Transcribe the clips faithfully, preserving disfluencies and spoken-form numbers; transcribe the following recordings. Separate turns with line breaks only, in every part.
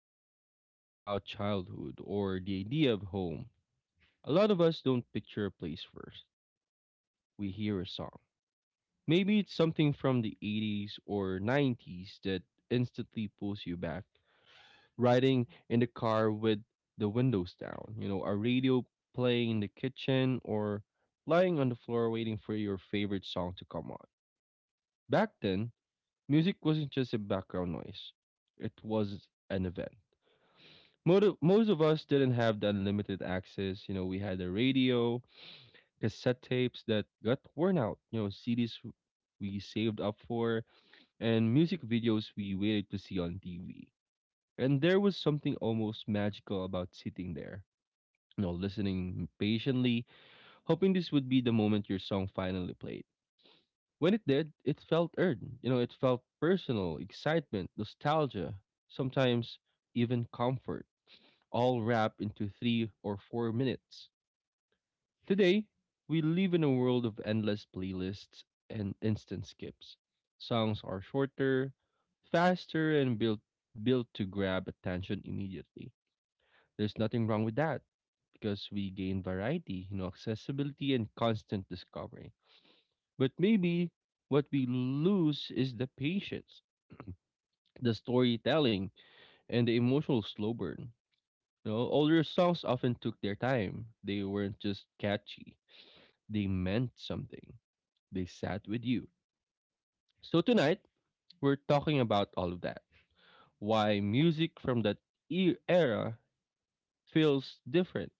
When we talk about childhood or the idea of home, a lot of us don't picture a place first. We hear a song. Maybe it's something from the eighties or nineties that instantly pulls you back. Riding in the car with the windows down, you know, a radio playing in the kitchen or lying on the floor waiting for your favorite song to come on. Back then, music wasn't just a background noise, it was an event. Most of, most of us didn't have the unlimited access. You know, we had a radio, cassette tapes that got worn out, you know, C Ds we saved up for, and music videos we waited to see on T V. And there was something almost magical about sitting there, you know, listening patiently, hoping this would be the moment your song finally played. When it did, it felt earned. You know, it felt personal, excitement, nostalgia, sometimes even comfort, all wrapped into three or four minutes. Today, we live in a world of endless playlists and instant skips. Songs are shorter, faster, and built built to grab attention immediately. There's nothing wrong with that because we gain variety, you know, accessibility and constant discovery. But maybe what we lose is the patience, the storytelling, and the emotional slow burn. You know, older songs often took their time. They weren't just catchy. They meant something. They sat with you. So tonight, we're talking about all of that. Why music from that e- era feels different,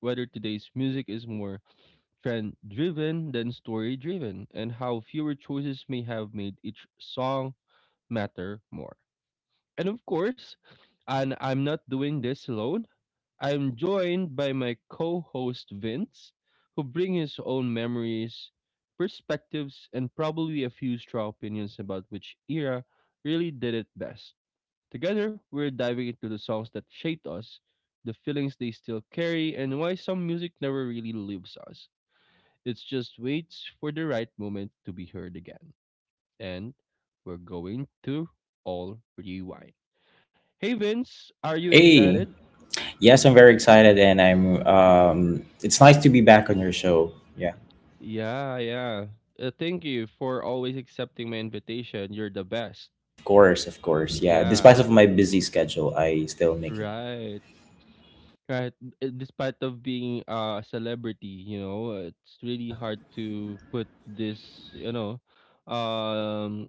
whether today's music is more trend driven than story driven, and how fewer choices may have made each song matter more. And of course, and I'm not doing this alone. I'm joined by my co-host Vince, who bring his own memories, perspectives, and probably a few straw opinions about which era really did it best. Together, we're diving into the songs that shaped us, the feelings they still carry, and why some music never really leaves us. It just waits for the right moment to be heard again. And we're going to all rewind. Hey Vince, are you
Hey,
excited?
yes, I'm very excited, and I'm. Um, it's nice to be back on your show. Yeah,
Yeah, yeah. Uh, thank you for always accepting my invitation. You're the best.
of course, of course. Yeah,
Yeah,
despite of my busy schedule, I still make it.
right. Right. Uh, Despite of being uh, a celebrity, you know, uh, it's really
Yeah,
hard to put this, you know, um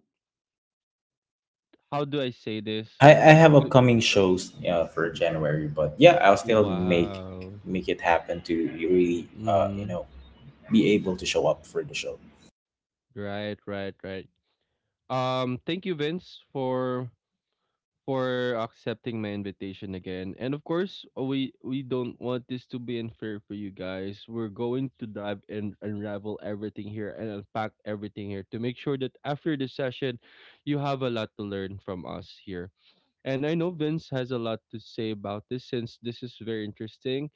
how do I say this?
I, I have
To-
upcoming shows uh, for January, but yeah, I'll still make
Wow.
make it happen to really, uh, you
Mm-hmm.
know, be able to show up for the show.
Right, right, right. Um, thank you, Vince, for for accepting my invitation again. And of course, uh, we we don't want this to be unfair for you guys. We're going to dive and unravel everything here and unpack everything here to make sure that after the session, you have a lot to learn from us here. And I know Vince has a lot to say about this since this is very interesting.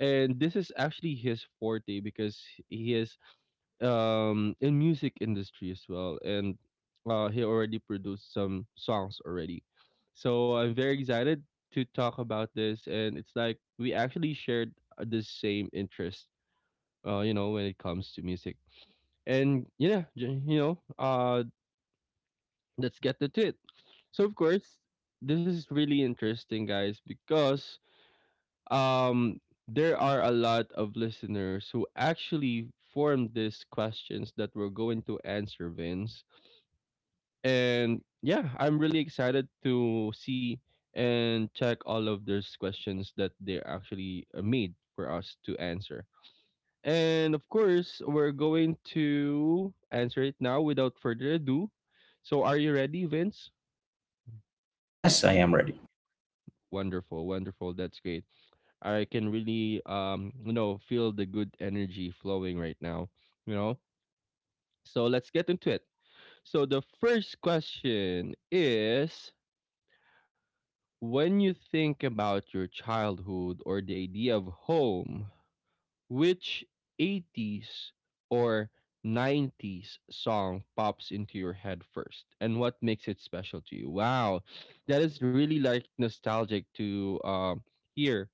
And this is actually his forte because he is um in music industry as well and uh he already produced some songs already, so I'm very excited to talk about this, and it's like we actually shared uh, the same interest, uh you know, when it comes to music. And yeah, j- you know, uh let's get into it. So of course, this is really interesting guys, because um there are a lot of listeners who actually formed these questions that we're going to answer, Vince. And yeah, I'm really excited to see and check all of those questions that they actually uh, made for us to answer. And of course, we're going to answer it now without further ado. So, are you ready, Vince?
Yes, I am ready.
Wonderful, wonderful. That's great. I can really, um, you know, feel the good energy flowing right now. You know, so let's get into it. So the first question is: when you think about your childhood or the idea of home, which eighties or nineties song pops into your head first, and what makes it special to you? Wow, that is really like nostalgic to um, hear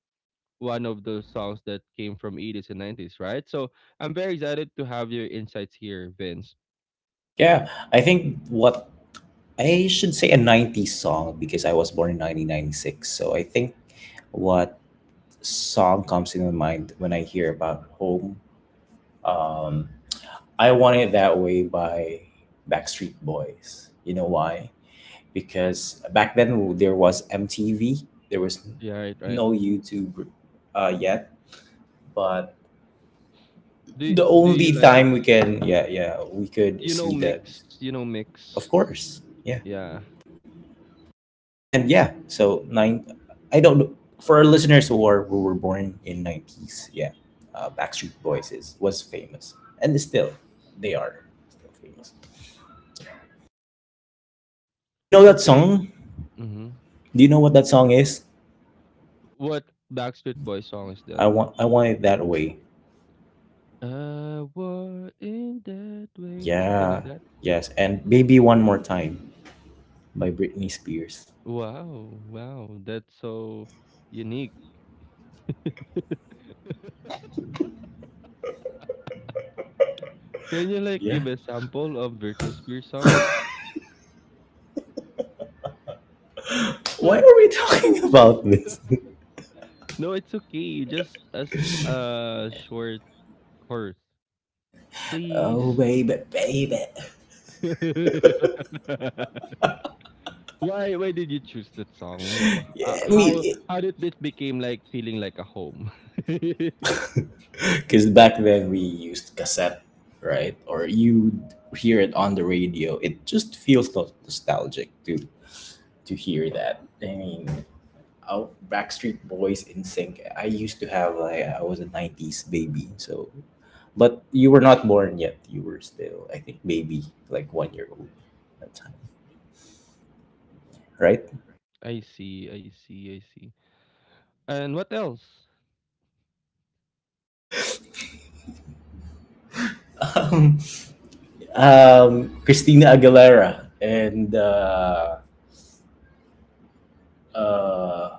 one of those songs that came from eighties and nineties, right? So I'm very excited to have your insights here, Vince.
Yeah, I think what I should say a nineties song because I was born in nineteen ninety-six. So I think what song comes in my mind when I hear about home. Um, I Want It That Way by Backstreet Boys. You know why? Because back then there was M T V, there was
Yeah, right, right.
no YouTube uh, yet, but
Do,
the
do you
only
like,
time we can, yeah, yeah, we could
you know,
see that,
mix, you know,
of
mix?
course, yeah.
Yeah.
And yeah, so nine I don't know for our listeners who are who were born in nineties, yeah. uh, Backstreet Boys is was famous, and is still, they are still famous. Do you know that
Okay.
song?
Mm-hmm.
Do you know what that song is?
What Backstreet Boys song is that?
i want I want it that way.
I was in that way, something like
Yeah,
that.
yes. And Baby One More Time by Britney Spears.
Wow, wow, that's so unique. Can you like
Yeah,
give a sample of Britney Spears song?
why are we talking about this?
No, it's okay. Just as a short chorus,
Oh
please.
baby baby.
Why? Why did you choose that song? You know, uh,
Yeah,
how
me.
how did it became like feeling like a home?
Because back then we used cassette, right? Or you hear it on the radio. It just feels no- nostalgic to to hear that. I mean, out Backstreet Boys in sync. I used to have like, I was a nineties baby, so. But you were not born yet. You were still, I think, baby, like one year old at that time, right?
I see, I see, I see. And what else?
Um, um, Christina Aguilera and uh, uh,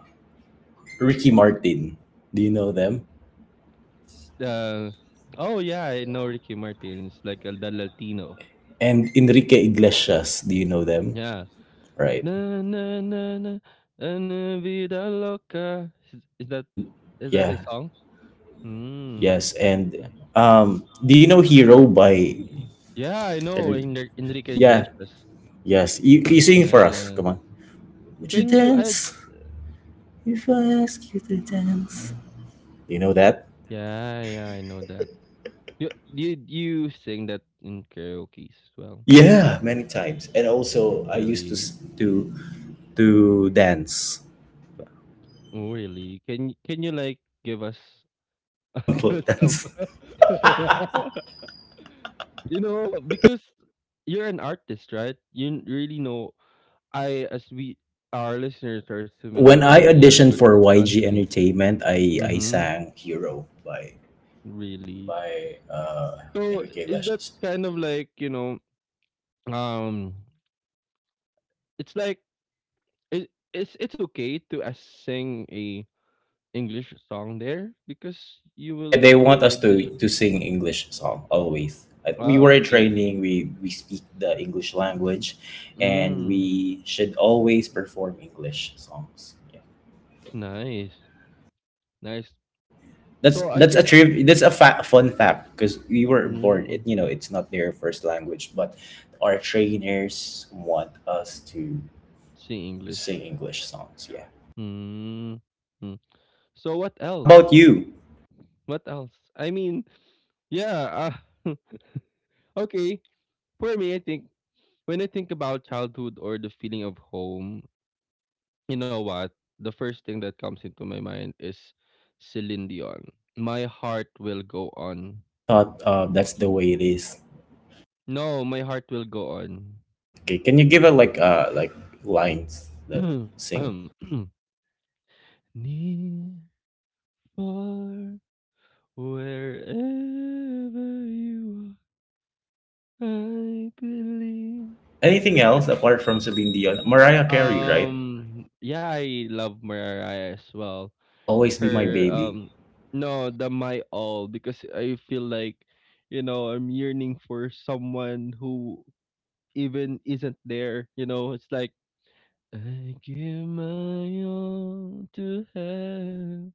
Ricky Martin. Do you know them?
Uh, oh yeah, I know Ricky Martin. It's like El Dal Latino.
And Enrique Iglesias. Do you know them?
Yeah.
Right.
Na na na na na vida loca. Is, is that
And
is that his
yeah,
song? Hmm.
yes. And um, do you know Hero by
Yeah, I know
Enrique?
Enri- Enrique
Yeah,
Iglesias.
yes. You, you sing it for us.
Yeah.
Come on. Would you
Can you? I
dance if I ask you to dance? You know that?
yeah yeah I know that. You you you sing that in karaoke as well?
Yeah, many times. And also, I used to
Really?
s- to to dance.
Really? Can can you like give us
Sample
some.
dance.
You know, because you're an artist, right? You n- really know. I, as we, our listeners are
Uh,
assuming that
when
you
I
really are
auditioned
good at
for Y G
dancing.
Entertainment, I I
Mm-hmm.
sang Hero by
Really.
by uh,
So
Enrique
is that
Iglesias.
kind of like you know, um, it's like it, it's it's okay to uh, sing a English song there because you
Yeah,
will
they
go
want
to
us to
audition.
to sing English song always. Like, we
Ah,
were in
okay.
training. We we speak the English language, and we
Mm,
should always perform English songs. Yeah,
nice, nice.
that's
So I
that's a
think.
triv. That's a fa- fun fact, because we were born.
Mm.
It, you know, it's not their first language, but our trainers want us to
See English.
sing English songs. Yeah.
Mm, mm. So what
How about
else?
you?
What else? I mean, yeah. Uh, okay. For me, I think when I think about childhood or the feeling of home, you know what? The first thing that comes into my mind is Celine Dion. My heart will go on.
I thought uh, that's the way it is.
No, my heart will go on.
Okay, can you give a like uh like lines that sing?
Ahem. Near, far, wherever you are, I believe.
Anything else apart from Celine Dion? Mariah Carey, right?
Um, yeah, I love Mariah as well.
Always be my
Her
baby.
um no, the my all, because I feel like you know, I'm yearning for someone who even isn't there, you know, it's like I give my all to have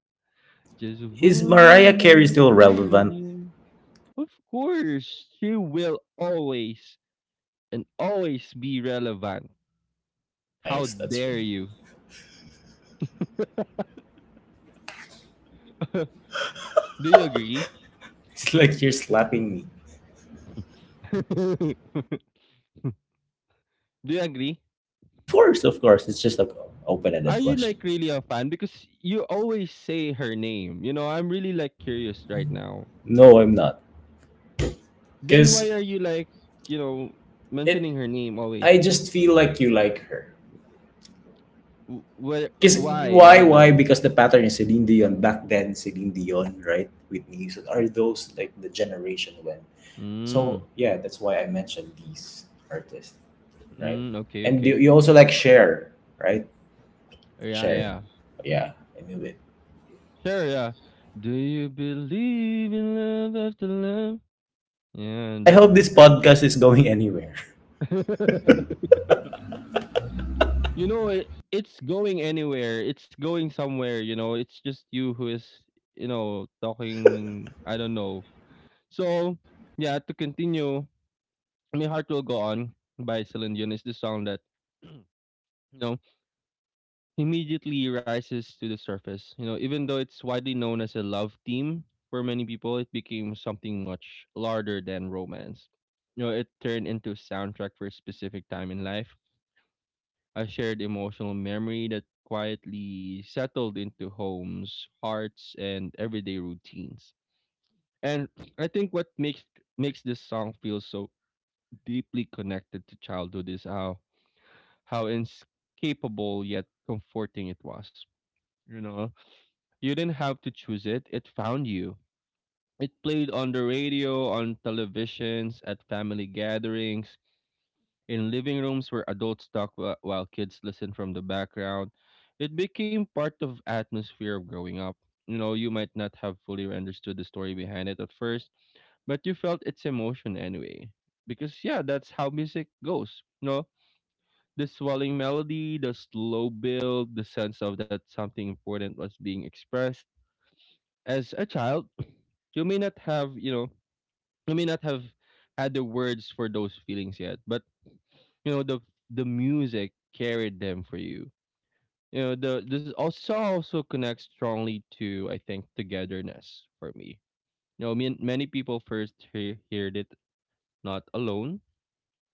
just
Is
one
Mariah Carey
more
still
night with
relevant?
you. Of course, she will always and always be relevant. How
Nice, that's
dare
right.
you? Do you agree?
It's like you're slapping me.
Do you agree?
Of course, of course. It's just an
Are
open-ended
you
question.
like really a fan? Because you always say her name. You know, I'm really like curious right now.
No, I'm not.
Then why
Cause
are you like, you know,
it
mentioning her name
I
always?
just feel like you like her.
Wh- wh-
Cause
why?
why,
Why
why?
though?
Because the pattern is Celine Dion back then, Celine Dion, right? Whitney Houston, are those like the generation when. So
Mm,
yeah, that's why I mentioned these artists, right?
mm, okay,
And you,
okay.
you also
Okay.
like share, right?
Yeah,
Share.
yeah.
Yeah, I knew it.
Sure, yeah. Do you believe in love after love? Yeah,
I
that's
hope this
that's
podcast is going anywhere.
you know, it, it's going anywhere. It's going somewhere, you know. It's just you who is, you know, talking, I don't know. So, yeah, to continue, My Heart Will Go On by Celine Dion is the song that, you know, immediately rises to the surface. You know, even though it's widely known as a love theme for many people, it became something much larger than romance. You know, it turned into a soundtrack for a specific time in life, a shared emotional memory that quietly settled into homes, hearts, and everyday routines. And I think what makes makes this song feel so deeply connected to childhood is how how inescapable yet comforting it was. You know, you didn't have to choose it; it found you. It played on the radio, on televisions, at family gatherings, in living rooms where adults talk wh- while kids listen from the background. It became part of atmosphere of growing up. You know, you might not have fully understood the story behind it at first, but you felt its emotion anyway. Because yeah, that's how music goes. You know, the swelling melody, the slow build, the sense of that something important was being expressed. As a child, you may not have, you know, you may not have had the words for those feelings yet, but you know the the music carried them for you. You know, the this also also connects strongly to I think togetherness for me. You know, mean many people first hear, heard it not alone,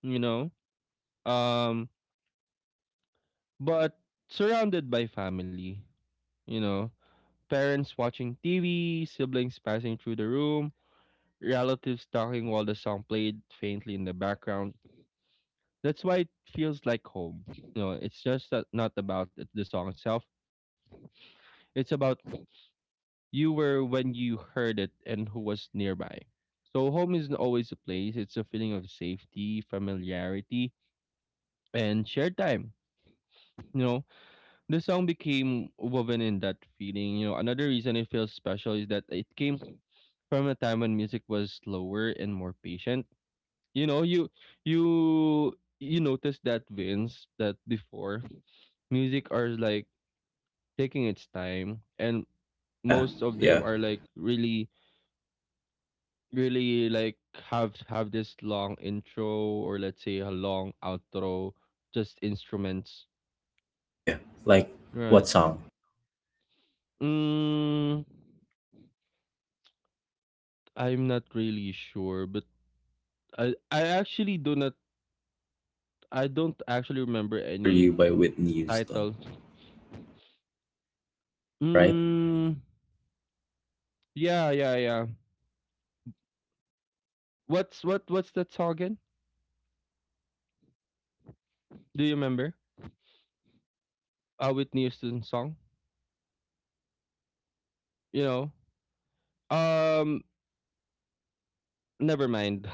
you know, um but surrounded by family, you know, parents watching TV, siblings passing through the room, relatives talking while the song played faintly in the background. That's why it feels like home. You know, it's just that not about it- the song itself, it's about you were when you heard it and who was nearby. So home isn't always a place, it's a feeling of safety, familiarity, and shared time. You know, the song became woven in that feeling. You know, another reason it feels special is that it came from a time when music was slower and more patient. You know, you you you notice that Vince that before music are like taking its time and
Yeah,
most of them
yeah,
are like really really like have have this long intro or let's say a long outro, just instruments,
yeah. Like what
right.
song?
mm, I'm not really sure but i i actually do not, I don't
Saving
actually
All My
remember
Love for
any
You by Whitney Houston,
title.
right?
Mm, yeah yeah yeah, what's what what's that song again?
A few
Do you
stone
remember
moments. You know
uh
that,
Whitney Houston song?
right? Saving All My Love for You, right?
You know, um never mind.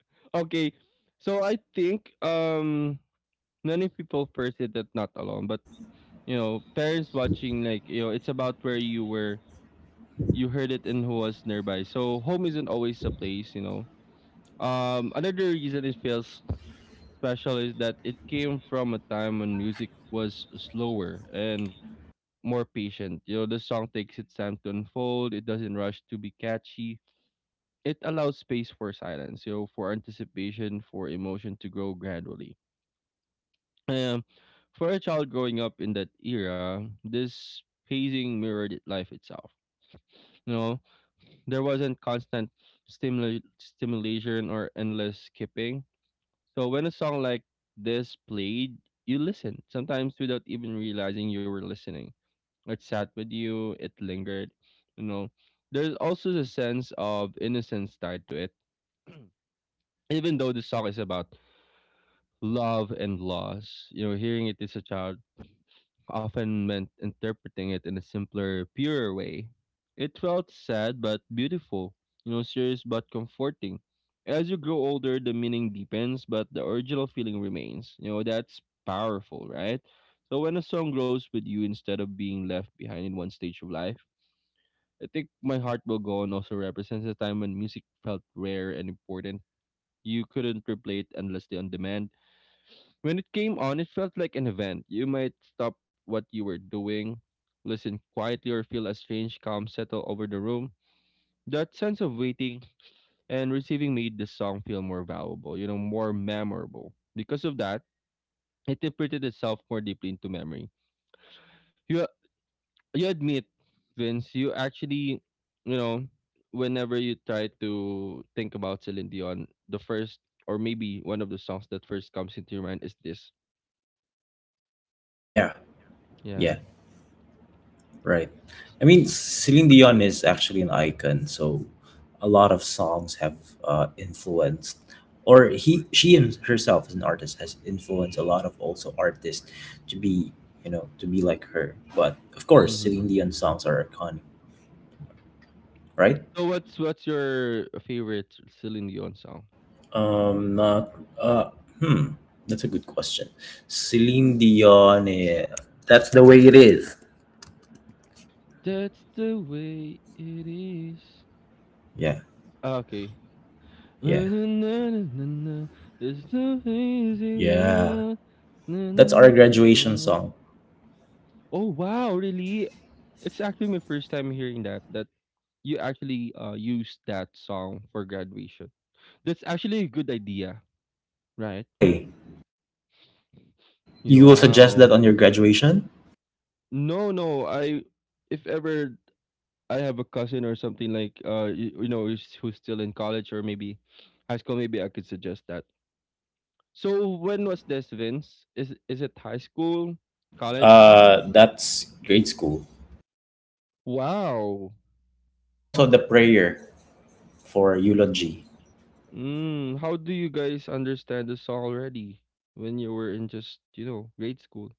Okay, so I think um many people first did that not alone, but you know, parents watching like, you know, it's about where you were, you heard it and who was nearby. So home isn't always a place, you know. Um, another reason it feels special is that it came from a time when music was slower and more patient. You know, the song takes its time to unfold. It doesn't rush to be catchy. It allows space for silence, you know, for anticipation, for emotion to grow gradually. Um, for a child growing up in that era, this pacing mirrored life itself. You know, there wasn't constant stimula- stimulation or endless skipping. So when a song like this played, you listened, sometimes without even realizing you were listening. It sat with you, it lingered, you know. There's also the sense of innocence tied to it. Even though the song is about love and loss, you know, hearing it as a child often meant interpreting it in a simpler, purer way. It felt sad but beautiful, you know, serious but comforting. As you grow older, the meaning deepens, but the original feeling remains. You know, that's powerful, right? So when a song grows with you instead of being left behind in one stage of life, I think My Heart Will Go On also represents a time when music felt rare and important. You couldn't replay it endlessly on demand. When it came on, it felt like an event. You might stop what you were doing, listen quietly, or feel a strange calm settle over the room. That sense of waiting and receiving made the song feel more valuable, you know, more memorable. Because of that, it imprinted itself more deeply into memory. You you admit, Vince, you actually, you know, whenever you try to think about Celine Dion, the first or maybe one of the songs that first comes into your mind is this.
Yeah,
Yeah.
yeah. Right. I mean, Celine Dion is actually an icon, so a lot of songs have uh, influenced, or he, she him- herself as an artist has influenced a lot of also artists to be, you know, to be like her. But of course,
Mm-hmm.
Celine Dion songs are iconic, right?
So what's what's your favorite Celine Dion song?
Um, not. Uh, hmm. That's a good question. Celine Dion. Eh, that's the way it is.
That's the way it is.
Yeah.
Ah, okay. Na,
Yeah.
na, na, na, na, na. There's no easy way
Yeah.
out. Na, na,
That's our
na, na,
graduation
na.
song.
Oh wow, really? It's actually my first time hearing that, that you actually uh used that song for graduation. That's actually a good idea, right?
Why? You will suggest
Wow.
that on your graduation?
No, no, I, if ever I have a cousin or something like, uh you, you know, who's, who's still in college or maybe high school, maybe I could suggest that. So when was this, Vince? Is is it high school, college?
Uh, that's grade school.
Wow.
And also the prayer for eulogy.
Mm, how do you guys understand the song already when you were in just, you know, grade school?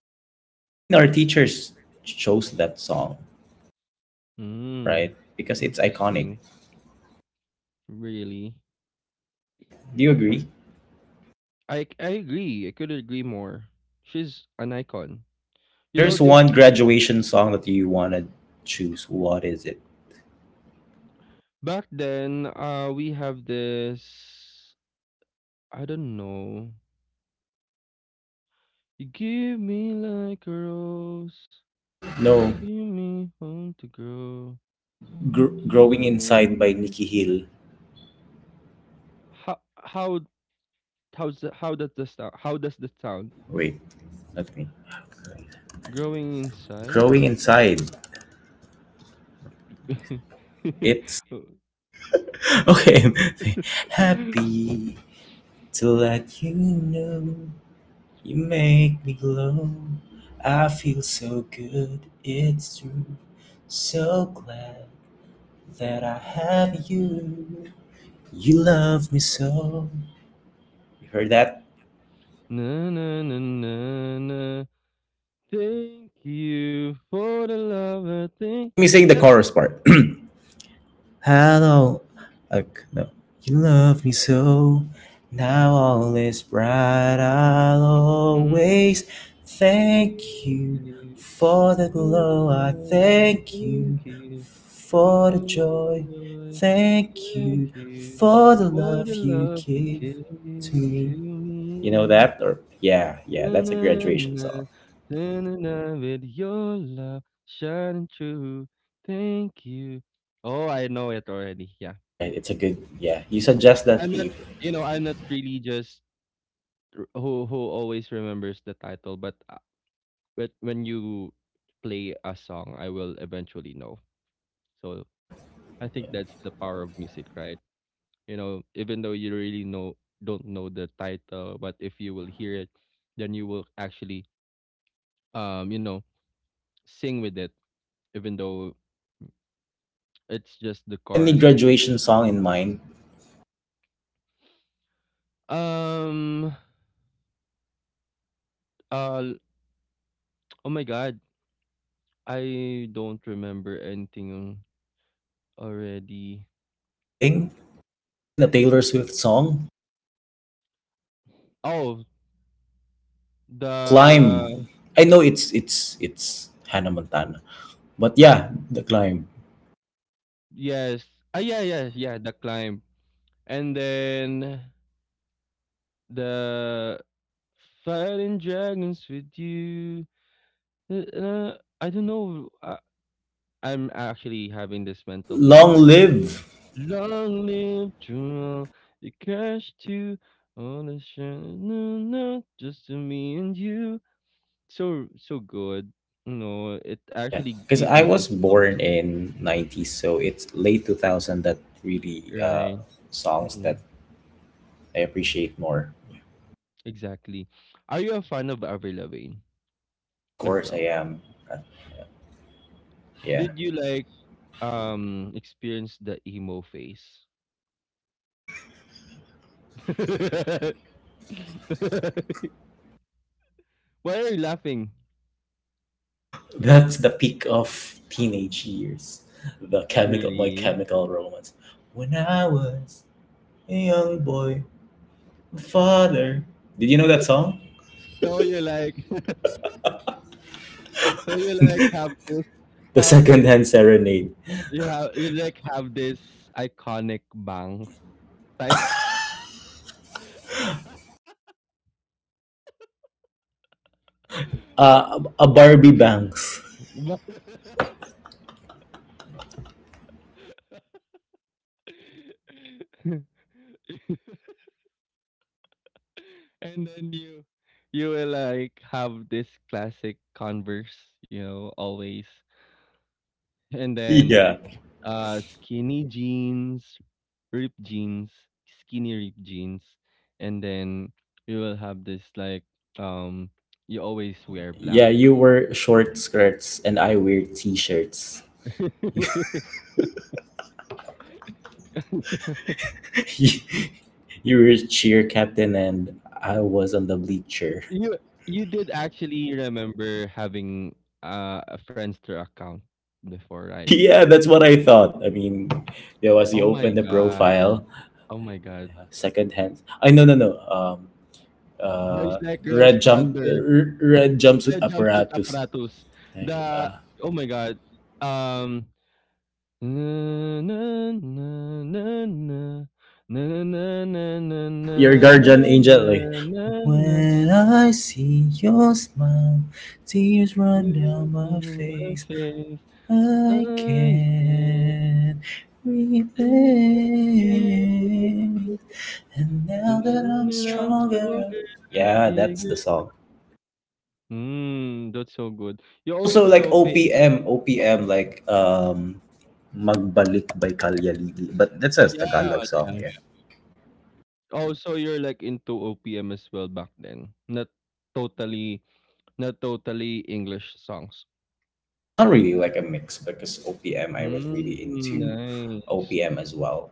I mean, our teachers chose that song,
Mm,
right? Because it's iconic,
interesting. Really,
right? Do you agree?
I I agree. I could agree more. She's an icon.
If
You know
there's
this
one graduation song that you want to choose, what is it?
back then. Uh, we have this. I don't know. You give me like a rose,
No,
give me home to grow.
Gr-
Show
Growing
me
Inside by
like-
Nikki Hill.
How how how's the, how does the sound? How does the sound?
Wait, let me.
Growing inside.
Growing Inside. It's okay. Happy to let you know. You make me glow. I feel so good, it's true. So glad that I have you. You love me so. You heard that?
Na na na na na. Thank you for the love I think.
Let me
Is
sing the
that?
chorus part. Hello, uh, no. You love me so. Now all is bright.
Mhm.
I'll always thank
Thank
you
you
for
for the
the glow. I
love, I
thank
thank
you
you
for the
for
joy.
the,
Thank
thank
you
you
for the
for the
love you
love you
give
gave
to me.
to
You know
me.
that? Or yeah, yeah.
Na,
That's a
na,
graduation
na,
song,
na, na, na, with your love shining through. Thank you. Oh, I know it already. Yeah.
right? It's a good yeah. You suggest that,
I'm not,
Steve.
you know, I'm not really just who who always remembers the title, but uh, but when you play a song, I will eventually know. So I
Yeah.
think that's the power of music, right? You know, even though you really know, don't know the title, but if you will hear it, then you will actually, um you know, sing with it even though it's just the
Have any
chorus or something.
graduation song in mind?
um uh oh my god, I don't remember anything already.
Thing? Even a Taylor Swift song,
Oh,
"The
the,
Climb." I know it's it's it's Hannah Montana, but yeah, "The Climb."
yes. Ah yeah yeah yeah, the climb. And then the fighting dragons with you. uh, uh, I don't know. I, I'm actually having this mental block
Long
like
live.
long live Jewel, the cash to all the shine, no, no, just to me and you. So so good. You know, it
Yeah,
actually
because
gave
I
me
was
goosebumps.
born in nineties, so it's late two thousand that really uh,
Right.
songs
Hmm.
that I appreciate more.
Exactly. Are you a fan of Avril Lavigne
Of
as
course, I
well?
am. Uh, yeah,
Did you like um experience the emo phase? Why are you laughing?
that's the peak of teenage years. The chemical, my
Really?
chemical romance. When I was a young boy, my father. Did you know that song?
So you're like, so you like have this,
The
have this,
secondhand serenade.
you have you like have this iconic bangs.
Y-
Like, uh,
Uh, a Barbie bangs.
ba- and then you you will like have this classic converse, you know, always. And then
yeah.
uh skinny jeans, ripped jeans, skinny ripped jeans. And then you will have this like, um you always wear
Yeah,
black.
you wear short skirts and I wear t-shirts. You were cheer captain and I was on the bleacher.
You you did actually remember having, uh, a Friendster account before, right?
Yeah, that's what I thought. I mean, there was, you
Oh my
open the
god.
profile,
Oh my god.
uh, second hand. I no no no. Um,
Boys
uh,
Like Girls
red jump,
Thunder.
r- red jumpsuit
The jumpsuit
apparatus.
apparatus.
Like
The,
uh,
oh my god. Um, na na na na na na na na na
your
na na
guardian angel
na
like.
na na
When I see your smile, tears run down
you
my
in my
face.
face.
I
I
can't
can't.
relate. And now
And
that
then
I'm
I'm
stronger.
stronger, I'm
Yeah, that's the
bigger.
song.
Mm, that's so good. You
Also
also
like
know fa.
O P M, O P M like um Magbalik by Kalyalidi. But that's a
Yeah,
Tagalog song,
yeah.
yeah.
Oh, so you're like into O P M as well back then. Not totally, not totally English songs.
Not really, like a mix, because O P M, I was really
Mm,
into
nice.
O P M as well.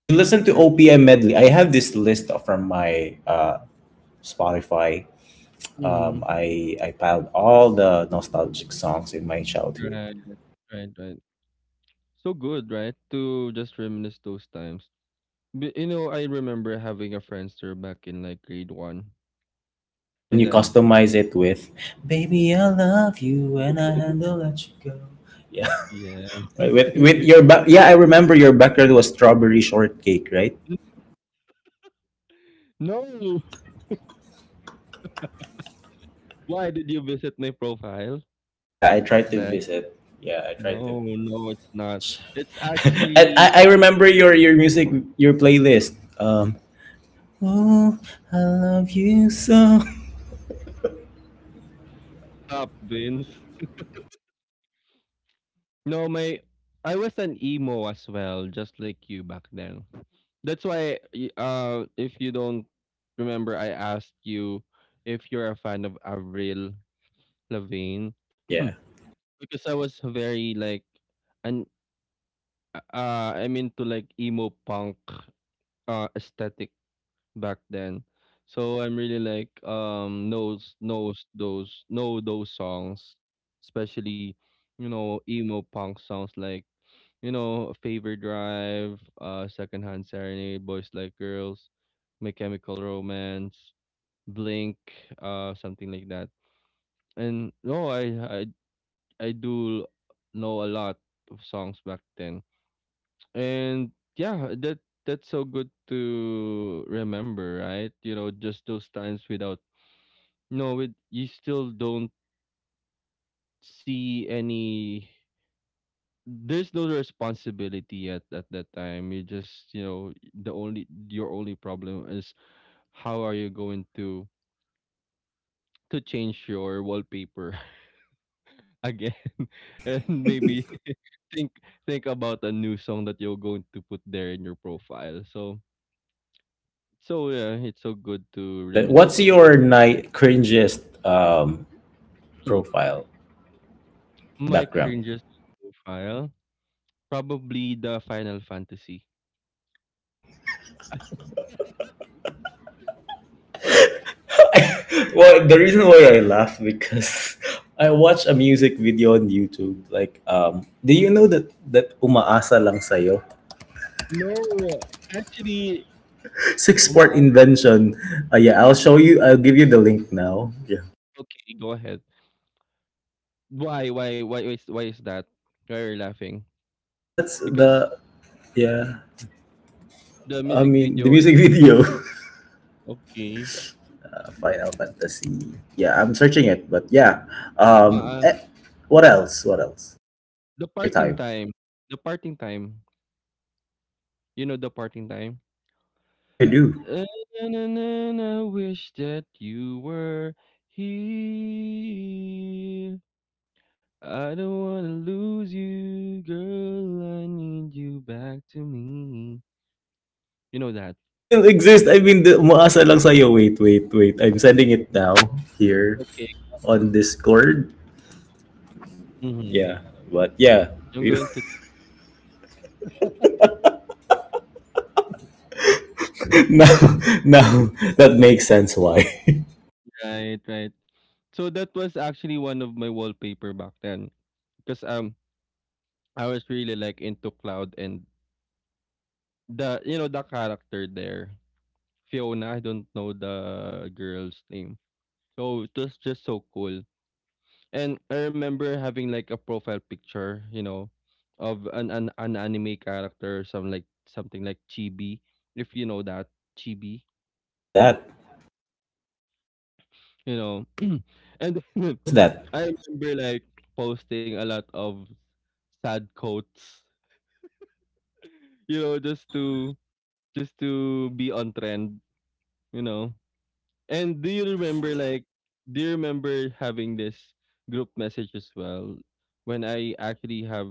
You listen to
You're,
O P M medley. I have this list from my uh, Spotify. Um,
mm-hmm.
I I piled all the nostalgic songs in my
Right,
childhood,
right, right. So good, right? To just reminisce those times. But, you know, I remember having a Friendster back in like grade one.
and then
And
you
then,
customize it with "Baby, I love you and I had to let you go." Yeah,
yeah.
right, with with your back. Yeah, I remember your background was strawberry shortcake, right?
No. Why did you visit my profile
Yeah, I
back
tried to
then?
visit. Yeah, I tried to.
No, no, it's not. It's
And
actually
I, I remember your your music your playlist. Um, oh, I love you so.
stop, Vince. No, my, I was an emo as well, just like you back then. That's why, y- uh, if you don't remember, I asked you if you're a fan of Avril Lavigne
Yeah.
because I was very like, and uh, I'm into like emo punk uh aesthetic back then. So I'm really like, um knows knows those know those songs, especially, you know, emo punk songs like, you know, Favor Drive, uh Secondhand Serenade, Boys Like Girls, My Chemical Romance, Blink, uh something like that. And no, I I I do know a lot of songs back then. And yeah, that that's so good to remember, right? You know, just those times without, no, it, you still don't see any, there's no responsibility at at that time. You just, you know, the only your only problem is how are you going to to change your wallpaper again and maybe think think about a new song that you're going to put there in your profile. So so yeah, it's so good to
And then
reminisce
what's
those.
your night cringiest um profile
My
background?
cringiest profile? Probably the Final Fantasy.
Well, the reason why I laugh, because I watch a music video on YouTube. Like, um, do you know that that umaasa lang sa'yo?
No, actually,
Six part
umaas,
invention. Uh, yeah, I'll show
hmm,
you. I'll give you the link now. Yeah,
okay, go ahead. Why why why why is why is that? Why are you laughing?
that's
Because
the yeah.
the
I
music
mean the
video is
music video.
okay.
Final Fantasy. Yeah, I'm searching it, but yeah. Um,
Ma,
eh, what else? What else?
the
Take your
parting
time.
time, the parting time. You know the parting time?
Yeah, I do.
And I wish that you were here. I don't wanna lose you, girl. I need you back to me. You know that?
It still exists. I mean, the, umaasa lang sa'yo. Wait, wait, wait. I'm sending it now here
Okay, go
on
ahead.
Discord.
Mhm.
Yeah, but yeah.
I'm going to,
You- Now, now that makes sense why.
right, right. So that was actually one of my wallpaper back then, because um I was really like into Cloud and the, you know, the character there, Fiona. I don't know the girl's name, so it was just so cool. And I remember having like a profile picture, you know, of an an, an anime character, some like something like Chibi, if you know that Chibi,
What's that?
you know. And
What's that?
I remember like posting a lot of sad quotes, you know, just to just to be on trend, you know. And do you remember like, do you remember having this group message as well when I actually have,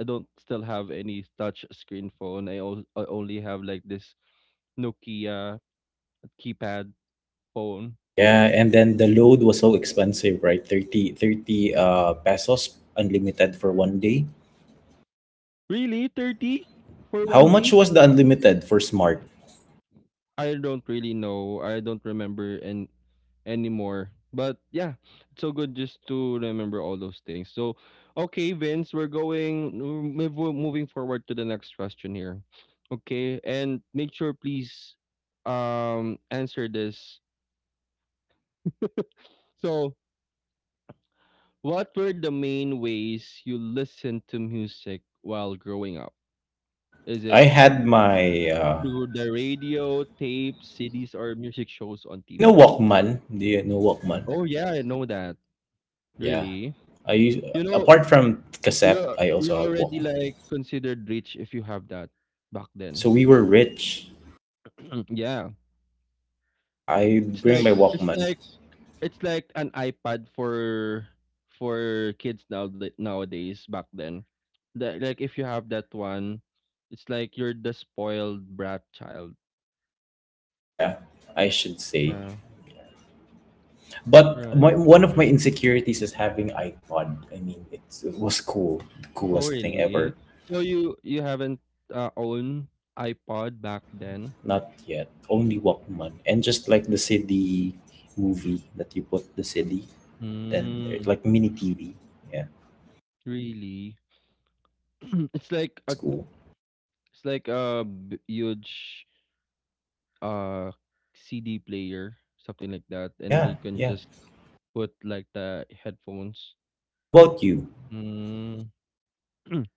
I don't still have any touch screen phone. I, o- I only have like this Nokia keypad phone.
Yeah, and then the load was so expensive, right? Thirty thirty uh, pesos unlimited for one day.
Really, thirty for one
How much
day?
was the unlimited for Smart?
I don't really know. I don't remember and anymore. But yeah, it's so good just to remember all those things. So, okay, Vince, we're going, mm, move- moving forward to the next question here. Okay, and make sure please um answer this. So, what were the main ways you listened to music while growing up? Is it
I had my, uh,
through the radio, tapes, C Ds, or music shows on
you know,
T V?
Walkman. Do you know Walkman?
Oh yeah, I know that.
Yeah.
Really?
I use,
You know,
apart from cassette,
you're
I
you're
also have
already
Walkman.
like considered rich if you have that back
So
then.
we were rich.
Yeah.
Yeah, I
It's
bring
like
my
it's
Walkman.
like it's like an iPad for for kids now nowadays back then. That like if you have that one, it's like you're the spoiled brat child.
Yeah, I should say.
Yeah,
But
right.
my, one of my insecurities is having iPod. I mean, it's, it was cool, the
Oh,
coolest thing ever.
really? So you you haven't, uh, owned iPod back then?
Not yet, only Walkman, and just like the C D movie that you put the C D, then there's
Mm,
like mini T V. Yeah,
really? It's
it
like
was
a
cool.
it's like a b- huge uh C D player, something like that, and
Yeah,
you can
yeah.
just put like the headphones.
How about you?
Mm.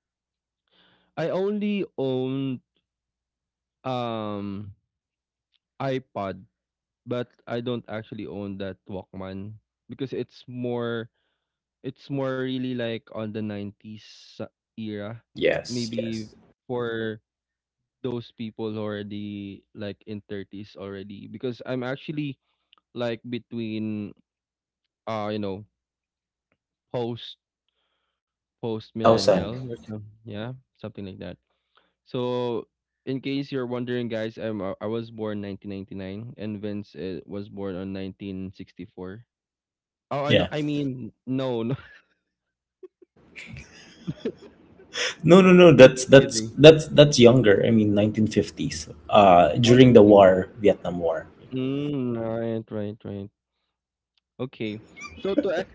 I only own um iPod, but I don't actually own that Walkman because it's more It's more really like on the nineties a- era,
Yes,
maybe
yes.
for those people who are already like in thirties already because I'm actually like between uh you know post post millennial
two thousand.
or some yeah something like that. So in case you're wondering guys, I'm uh, I was born nineteen ninety-nine and Vince uh, was born on nineteen sixty-four. Oh no,
Yeah.
I mean no no
No, no, no.
Just
That's that's
kidding.
that's that's younger. I mean, nineteen fifties. Uh,
Oh,
during the
nineteen. 19.
war, Vietnam War.
Mm, right right right. Okay. So to a-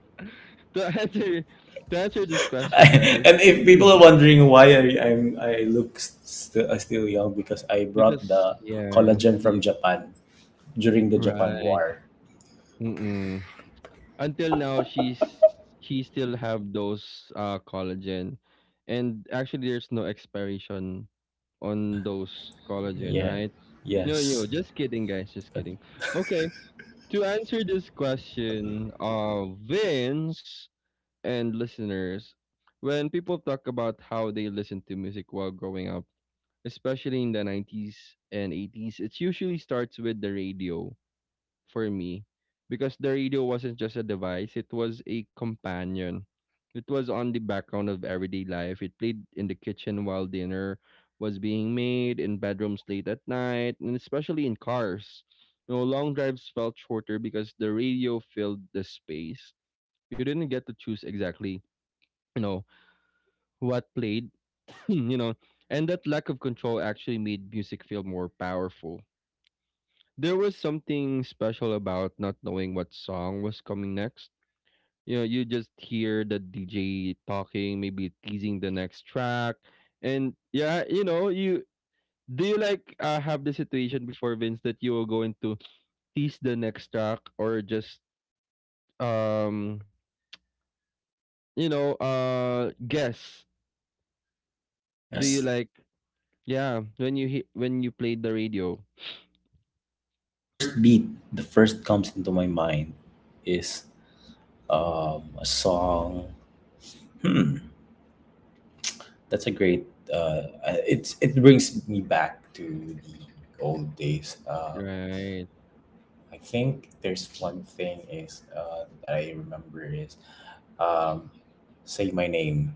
to answer to answer this question, guys.
And if
Hmm.
people are wondering why I I'm, I look still still young, because I brought
Because
the
yes,
collagen from
y-
Japan during the Japan
right.
War.
Mm-mm. Until now, she's he still have those uh collagen, and actually, there's no expiration
Yeah,
on those collagen,
yeah,
right? No, no,
yes.
just kidding, guys, just
But-
kidding. Okay, to answer this question, uh, Vince, and listeners, when people talk about how they listened to music while growing up, especially in the nineties and eighties, it usually starts with the radio for me, because the radio wasn't just a device, it was a companion. It was on the background of everyday life. It played in the kitchen while dinner was being made, in bedrooms late at night, and especially in cars. You know, long drives felt shorter because the radio filled the space. You didn't get to choose exactly you know what played. you know and that lack of control actually made music feel more powerful. There was something special about not knowing what song was coming next. You know, you just hear the DJ talking, maybe teasing the next track, and yeah, you know you do you like uh, have the situation before, Vince, that you will go into tease the next track or just um you know uh guess, do you
yes.
like, yeah, when you hit, when you played the radio?
First beat, the first comes into my mind is um, a song. Hmm, that's a great. Uh, uh, it's, it brings me back to the old days. Um,
Right.
I think there's one thing is uh, that I remember is um, say my name.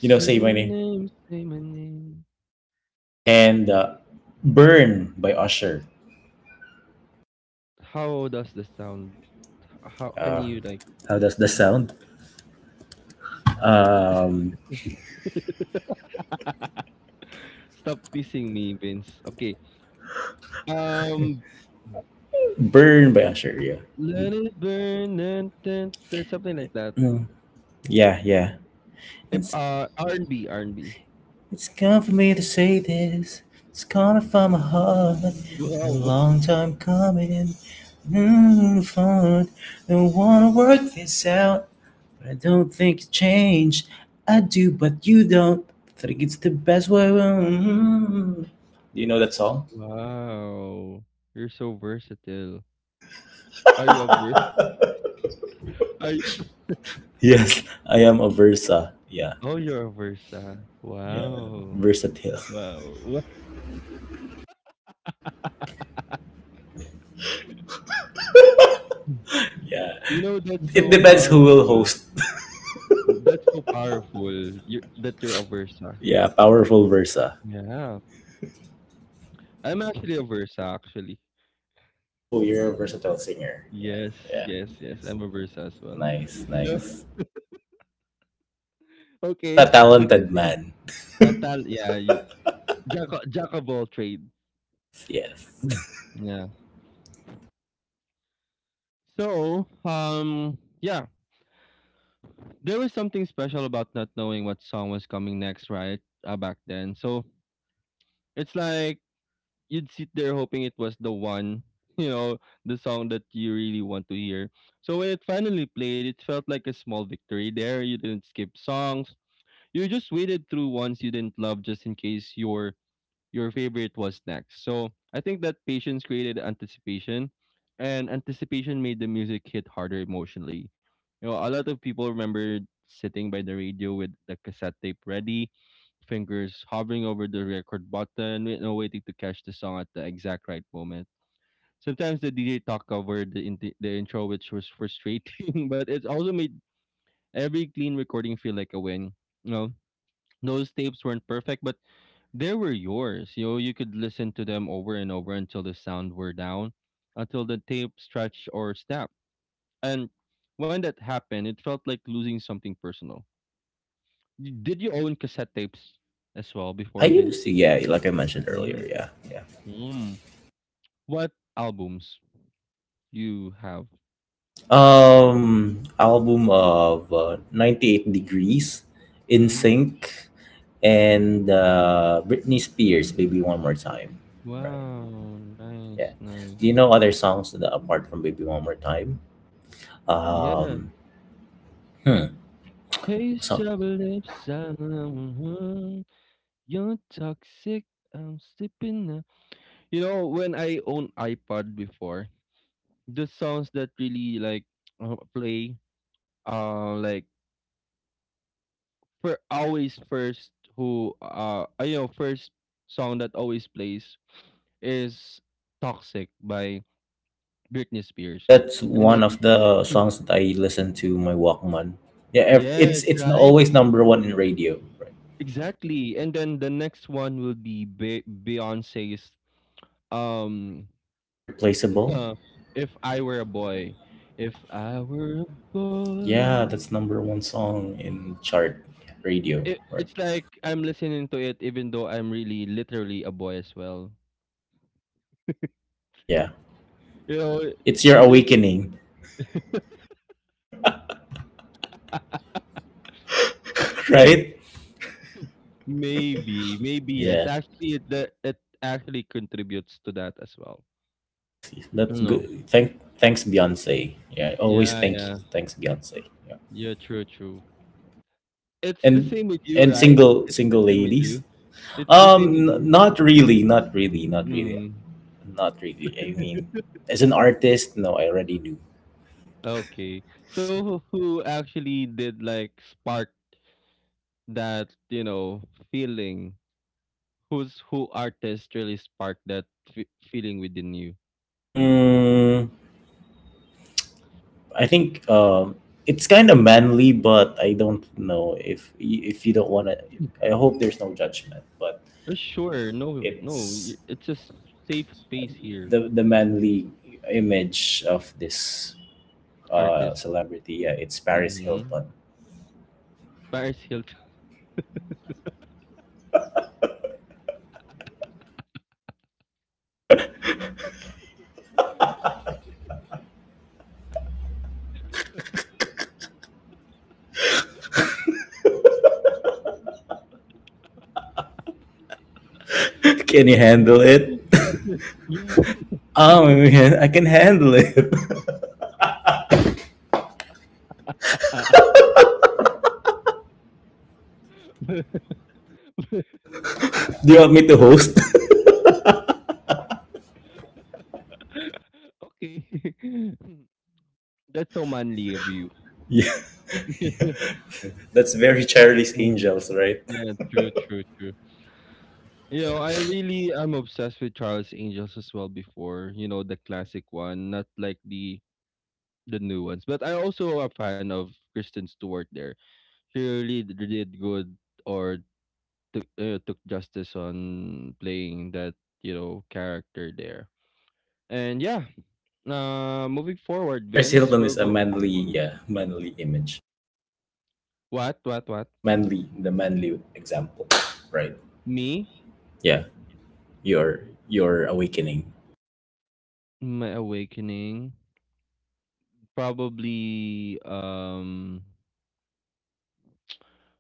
You know, say
my
my name
name, say my name.
and uh, burn by Usher.
How does the sound? H How can you, like,
How does that sound? Um,
stop teasing me, Vince. Okay. Um,
burn by Usher. Yeah,
let it burn and then there's something like that.
yeah, yeah. And
Hip uh, R and B, R and B.
it's come for me to say this. It's coming from my heart. It's a
Wow.
long time coming. Mm, fun. Don't wanna work this out, but I don't think it's changed. I do, but you don't. I think it's the best way. Mm. Do you know that song?
Wow. You're so versatile. Are you a ver are you?
Yes, I am a Versa. Yeah,
Oh, you're a Versa.
yeah,
Wow.
versatile.
Wow. Wha
Yeah,
You know, that's
it
so
depends who will
powerful.
host.
That's so powerful. You that you're a Versa.
Yeah, powerful Versa.
Yeah. I'm actually a Versa actually.
Oh, you're a versatile singer. Yeah,
Yes,
yeah.
yes, yes.
Yes.
I'm a Versa as well.
Nice,
Yeah.
nice. What
Okay.
a
To
talented
continue.
man.
Uh, tal yeah. y- Jack, o- jack of all trade.
Yes, yes.
Mm. Yeah. So, um, yeah, there was something special about not knowing what song was coming next, right? Uh, back then. So it's like you'd sit there hoping it was the one, you know, the song that you really want to hear. So when it finally played, it felt like a small victory there. You didn't skip songs. You just waited through ones you didn't love just in case your your favorite was next. So I think that patience created anticipation, and anticipation made the music hit harder emotionally. You know, a lot of people remember sitting by the radio with the cassette tape ready, fingers hovering over the record button, you know, waiting to catch the song at the exact right moment. Sometimes the D J talk over the, in- the intro, which was frustrating, but it also made every clean recording feel like a win. You know, those tapes weren't perfect, but they were yours. You know, you could listen to them over and over until the sound were down, until the tape stretched or snapped. And when that happened, it felt like losing something personal. Y- Did you own cassette tapes as well
I
before,
used
Vince?
to, yeah, like I mentioned earlier,
Mm.
yeah, yeah.
Mm. What albums you have?
Um, album of uh, ninety-eight Degrees, In
Mm.
Sync, and uh, Britney Spears, Baby One More Time. Right,
Wow,
yeah.
nice,
Do you
nice.
know other songs that apart from Baby One More Time?
Yeah,
Um, hmm.
taste
So,
of lips. Uh, mhm. You're toxic. I'm slipping. You know, when I own iPod before, the songs that really like uh, play, uh, like for always first who uh uh, you know first song that always plays is "Toxic" by Britney
yeah,
Spears,
that's
and
one
then
of the songs that I listen to my Walkman. Yeah, ev-
yes,
it's it's n-
right,
always number one in radio, right.
exactly, and then the next one will be Be- Beyonce's um,
Irreplaceable?
uh, "If I Were a Boy," if I were a
Yeah,
boy.
that's number one song in chart radio,
It
right?
it's like I'm listening to it even though I'm really literally a boy as well.
Yeah.
You know,
It's your
you just
awakening, right?
maybe, maybe yes.
Yeah.
Actually, it that it actually contributes to that as well.
That's
No.
good. Thank thanks Beyonce. Yeah, always
Yeah,
thank you.
yeah.
Thanks Beyonce. Yeah.
Yeah, true, true. It's the
And
same with you,
and
right?
single
It's the
single
same with
ladies?
you. It's the same
Um
with
n-
you.
not really, not really, not really.
Mm.
Not really. I mean, as an artist, no, I already knew.
Okay. So who who actually did like spark that, you know, feeling? Who's who artist really sparked that f feeling within you?
Mm, I think um, it's kind of manly, but I don't know if y- if you don't want to.
Mm,
I hope there's no judgment, but
uh, sure. No, no. y-
it's
It's a s- safe space here,
the the manly image of this uh,
artist.
celebrity. Yeah, it's Paris
Mm-hmm.
Hilton.
Paris Hilton.
Can you
But-
handle it?
but-
Oh man, I can handle it.
Ah, okay.
Do you want me to host?
That's so manly of you.
Yeah, that's very Charlie's
Mm.
Angels, right?
Yeah, true, true, true. You know, I really I'm obsessed with Charles Angels as well before, you know, the classic one, not like the the new ones. But I also a fan of Kristen Stewart there. She really d- did good or took uh, took justice on playing that you know character there. And yeah, uh, moving forward,
Paris
Vince,
Hilton
we'll
is a
go.
manly, yeah, manly image,
What what what?
manly, the manly example, right?
Me,
Yeah. your your awakening.
my awakening, probably. Um,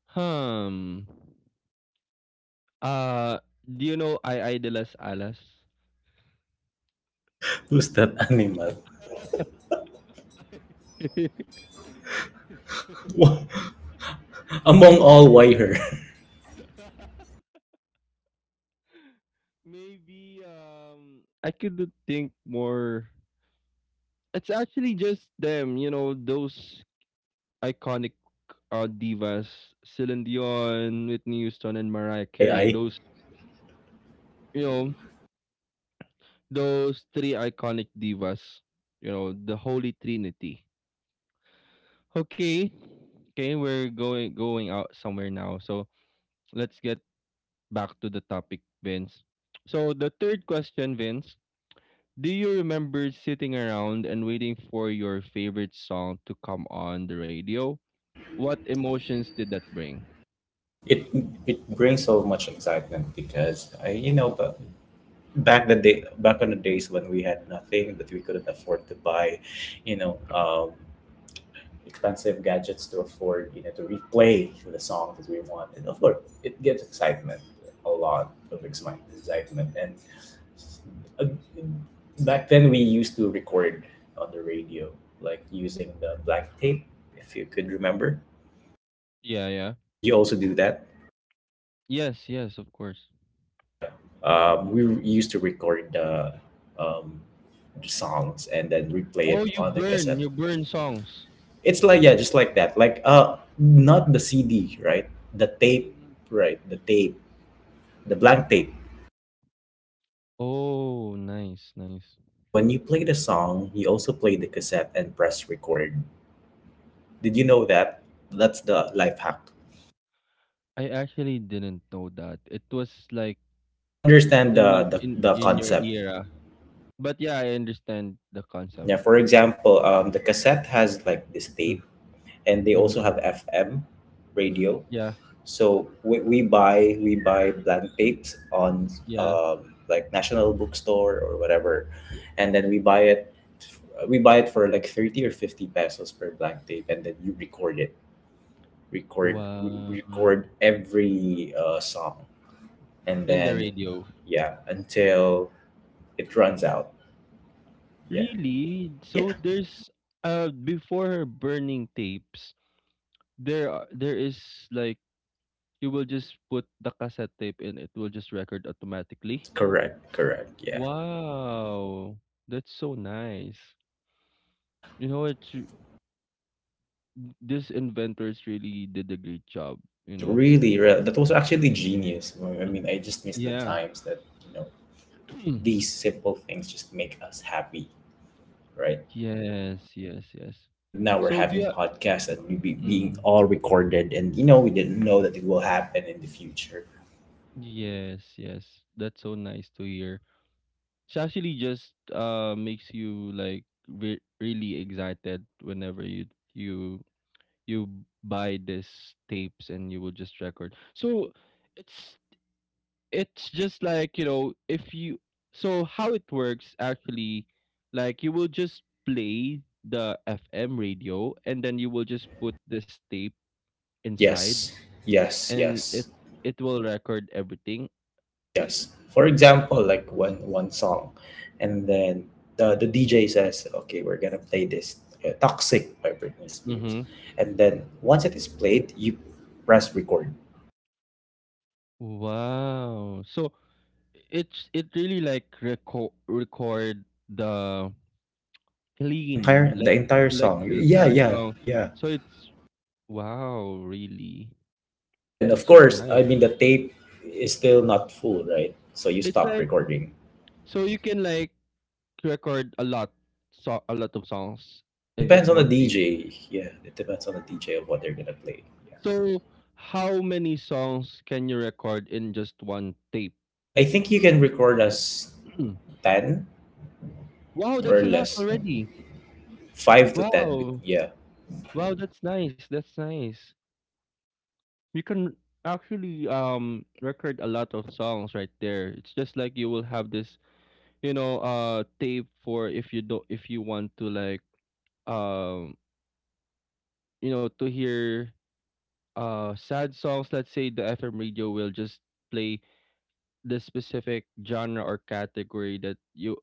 hmm. Uh, do you know I idolize Alas?
Who's that animal? Among all, why her?
Maybe um I could think more. It's actually just them, you know, those iconic uh, divas, Celine Dion, Whitney Houston, and Mariah
I
Carey.
I
Those, you know, those three iconic divas, you know, the holy trinity. Okay, okay, we're going going out somewhere now. So let's get back to the topic, Vince. So the third question, Vince. Do you remember sitting around and waiting for your favorite song to come on the radio? What emotions did that bring?
it it brings so much excitement because I, you know, but back the day back on the days when we had nothing, that we couldn't afford to buy, you know, um, expensive gadgets to afford, you know, to replay the songs that we want. And of course, it gives excitement, a lot of exci- excitement. And uh, back then, we used to record on the radio, like using the black tape, if you could remember.
Yeah, yeah.
Did you also do that?
Yes, yes, of course.
Yeah. Um, we used to record the, um, the songs and then replay
Oh,
it
you
on the
burn,
cassette.
you burn songs.
It's like yeah, just like that. Like uh not the C D, right? The tape,
Mm.
right? The tape, the blank tape.
Oh, nice, nice.
And when you play the song, you also play the cassette and press record. Did you know that? That's the life hack.
I actually didn't know that. It was like
You understand
in
the
y-
the,
in
the
in your
concept.
era. But yeah, I understand the concept.
Yeah, for example, um, the cassette has like this tape, and they also
Mm-hmm.
have F M radio.
Yeah,
So, we, we buy we buy blank tapes on,
yeah.
um, like National Bookstore or whatever, and then we buy it we buy it for like thirty or fifty pesos per blank tape, and then you record it, record re-
Wow.
record every uh, song, and
In the
then
radio.
yeah until it runs out. Yeah,
Really? So
yeah,
there's uh before her burning tapes, there are, there is like you will just put the cassette tape and it will just record automatically.
correct, correct, yeah,
Wow, that's so nice.
yeah.
You know, it's r- these inventors really did a great job, you know.
Really, re- that was actually genius. I
Mm.
mean, I just miss the
Yeah.
times that, you know, these simple things just make us happy, right?
Yes, yes, yes.
And now we're
So do
having
you
podcasts and we be being
mm,
all recorded, and you know we didn't know that it will happen in the future.
yes, yes. That's so nice to hear. It actually just uh makes you like re really excited whenever you you you buy these tapes and you will just record. So it's it's just like you know if you so how it works actually like you will just play the FM radio and then you will just put this tape inside
Yes, yes,
and it
yes,
it will record everything.
yes. For example, like one one song, and then the the D J says, "Okay, we're gonna play this uh, Toxic by Britney Spears,"
Mm-hmm.
and then once it is played, you press record
Wow, so it's it really like record record the
the
clean
entire the
like
entire
like
song.
the
Yeah,
entire
yeah,
song.
yeah.
So it's wow really,
And then, of
that's so
course,
nice.
I mean, the tape is still not full, right? So you
It's
stop
like
recording.
so you can like record a lot, so a lot of songs in
Depends
just
on the
one tape.
D J. Yeah, it depends on the D J of what they're gonna play. Yeah.
So how many songs can you record in just one tape?
I think you can record as ten
Wow,
or
that's a lot
less,
already.
five to ten. be-
Wow.
Yeah.
Wow, that's nice. That's nice. You can actually um record a lot of songs right there. It's just like you will have this, you know, uh tape for if you do if you want to like um you know to hear uh sad songs, let's say the F M radio will just play the specific genre or category that you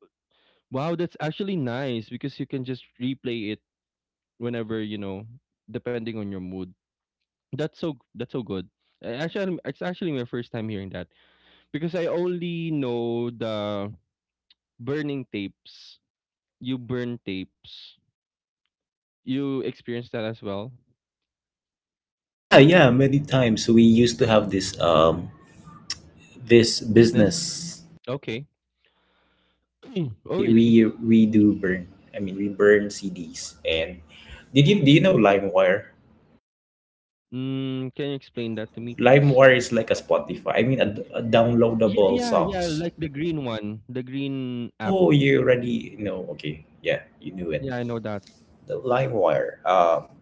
wow that's actually nice because you can just replay it whenever you know depending on your mood, that's so that's so good. Uh, actually it's actually my first time hearing that because I only know the burning tapes, you burn tapes, you experience that as well
Yeah, yeah, many times. We used to have this um this
business
business.
okay oh
We
really,
we we do burn. I mean, we burn C Ds. And did you do you know LimeWire?
mm, can you explain that to me please
LimeWire is like a Spotify. I mean, a, a
oh yeah
downloadable
yeah yeah
songs.
like the green one the green app
Oh, you already know. Okay, yeah, you knew it.
yeah I know that.
The LimeWire. Um,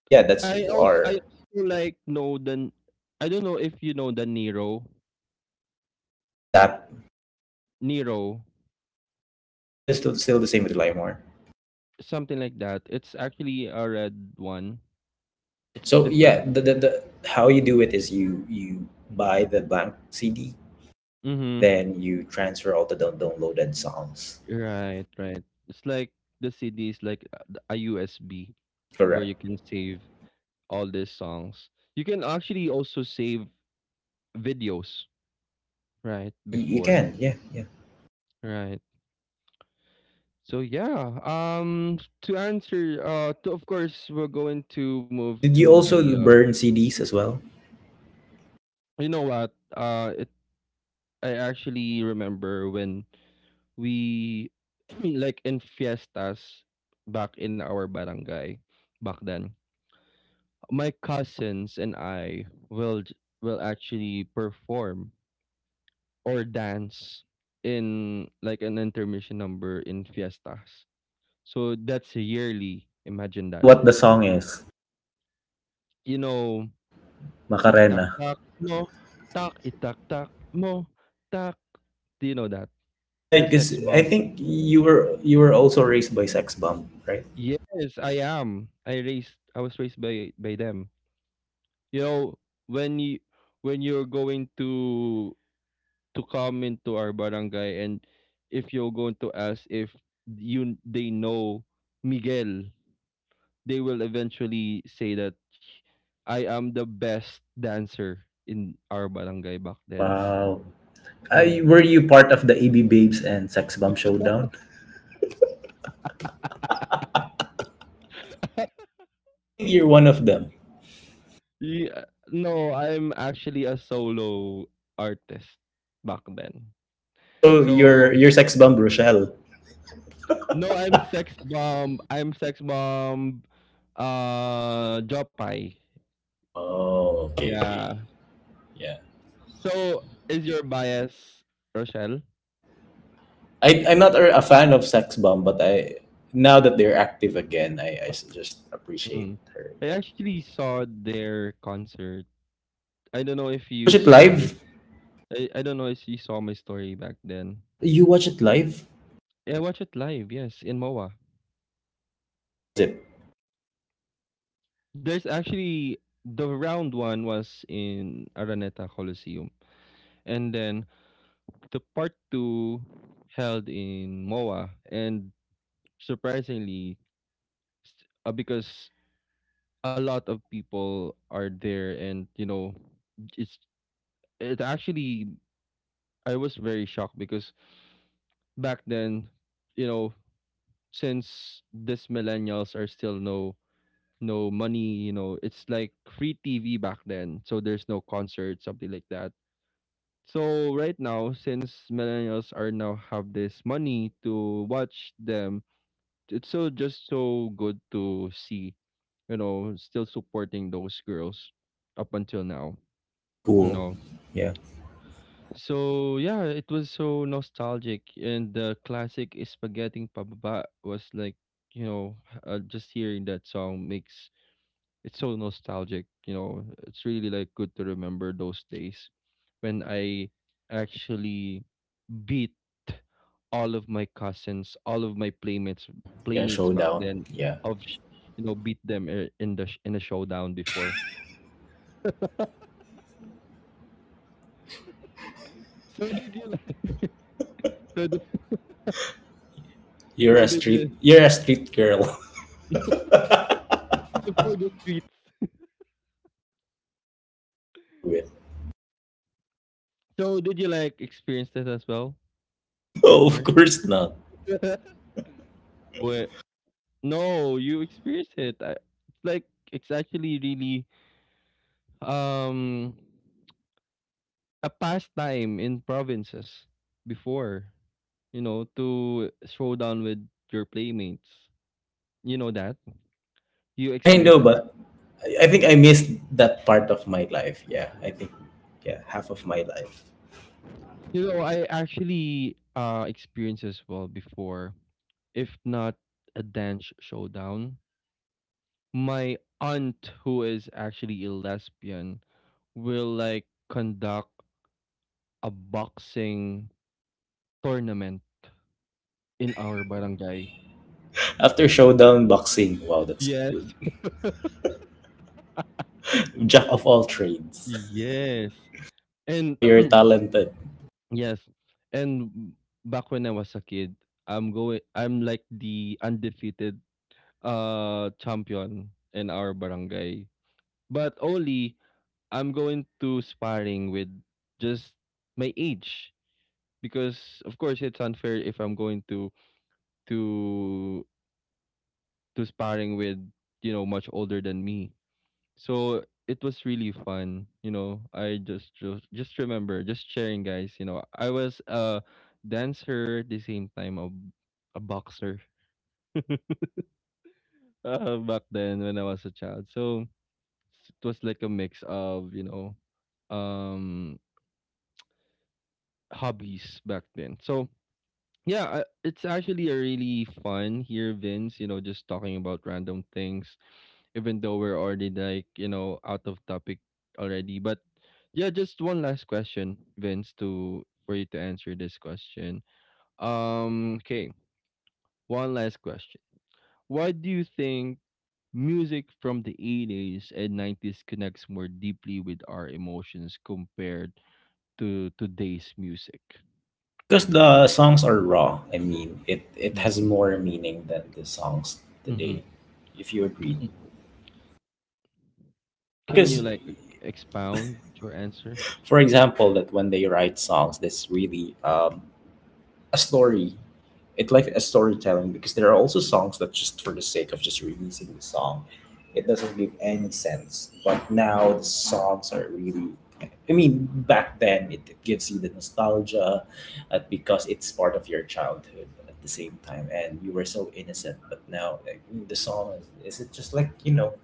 yeah, that's
I also I
our.
also like know the I don't know if you know the Nero.
What's that?
Nero
It's still still still the same with LimeWire.
something like that. It's actually a red one. It's
So
different.
yeah, the, the the how you do it is you you buy the blank C D and
Mhm.
then you transfer all the down- downloaded songs.
Right, right. It's like the C D is like a a U S B where
Correct.
you can save all these songs. You can actually also save videos, right?
You, you
Before,
can. Yeah, yeah.
right? So yeah. Um, to answer, uh, to, of course, we're going to move
Did
to
you
the
also
uh,
burn C Ds as well?
you know what? Uh, it, I actually remember when we, like in fiestas back in our barangay back then, my cousins and I will j- will actually perform or dance in like an intermission number in fiestas. So that's yearly. Imagine
Know the-
that.
what the song is?
You know, itak
Macarena.
tak mo, tak itak tak mo, tak. Do you know that?
Yeah,
The
because
sex
I
bomb.
think you were you were also raised by Sex Bomb, right?
Yes, I am. I raised I was raised by by them. You know, when you when you're going to to come into our barangay and if you're going to ask if you they know Miguel, they will eventually say that I am the best dancer in our barangay back then.
Wow. Uh,
Yeah.
were you part of the A B Babes and Sex Bomb Showdown? I think you're one of them.
Yeah. No, I'm actually a solo artist back then.
Also, your
So
your sex bomb Rochelle.
no, I'm Sex Bomb. I'm Sex Bomb. Uh, Jopay.
Oh. Okay, okay,
Yeah.
yeah.
So, is your bias Rochelle?
I I'm not a a fan of sex bomb, but I now that they're active again, I I s- just appreciate
Mm.
her.
I
Yeah.
actually saw their concert. I don't know if
You watch
you
it
saw my.
live.
I, I don't know if you saw my story back then.
You watch it live.
Yeah, I watched it live. Yes, in M O A.
How was it?
There's actually the round one was in Araneta Coliseum, and then the part two held in M O A, and surprisingly, s- uh, because a lot of people are there, and you know it's it actually I was very shocked because back then, you know, since this millennials are still no no money, you know, it's like free T V back then, so there's no concert, something like that. So right now, since millennials are now have this money to watch them, it's so just so good to see, you know, still supporting those girls up until now. You
Cool.
know.
Yeah.
So yeah, it was so nostalgic, and the classic spaghetti pababa was like, you know, uh, just hearing that song makes it's so nostalgic, you know. It's really like good to remember those days when I actually beat all of my cousins, all of my playmates
Yeah.
playmates back
Showdown.
then,
Yeah.
of sh- you know, beat them i- in the sh- in a showdown before. So did you like, so did,
You're
so
a
did,
street.
you
You're a street girl.
for the streets?
Knew it.
So did you like experience that as well
No, of
before?
course not.
But no, you experience it. I, it's like it's actually really um a pastime in provinces before, you know, to throw down with your playmates. You know that? You
Yeah, I
experience
know,
that.
but I I think I missed that part of my life. Yeah, I think yeah, half of my life.
You know, I actually uh experienced as well before, if not a dance showdown. My aunt, who is actually a lesbian, will like conduct a boxing tournament in our barangay.
After showdown boxing, wow, that's good.
Yes,
Jack of all trades.
yes,
That's
and
why you're talented.
yes, and back when I was a kid, I'm going. I'm like the undefeated uh champion in our barangay. But only I'm going to sparring with just my age, because of course it's unfair if I'm going to to to sparring with, you know, much older than me. So it was really fun. You know, I just just just remember just sharing, guys. You know, I was a dancer, at the same time a a boxer uh, back then when I was a child. So it was like a mix of, you know, um hobbies back then. So yeah, uh, it's actually a really fun here, Vince, you know, just talking about random things, even though we're already, like, you know, out of topic already. But yeah, just one last question, Vince, to for you to answer this question. Um, okay, one last question. Why do you think music from the eighties and nineties connects more deeply with our emotions compared to today's music?
Because the songs are raw. I mean, it it has
Mm-hmm.
more meaning than the songs
Mm-hmm.
today. If you agree. Yeah,
Can you
because
like e expound your answer?
for example, that when they write songs, that's really um, a story. It like a storytelling because there are also songs that just for the sake of just releasing the song, it doesn't give any sense. But now the songs are really. I mean, back then it gives you the nostalgia, uh, because it's part of your childhood at the same time, and you were so innocent. But now like, mm, the song is, is it just like you know,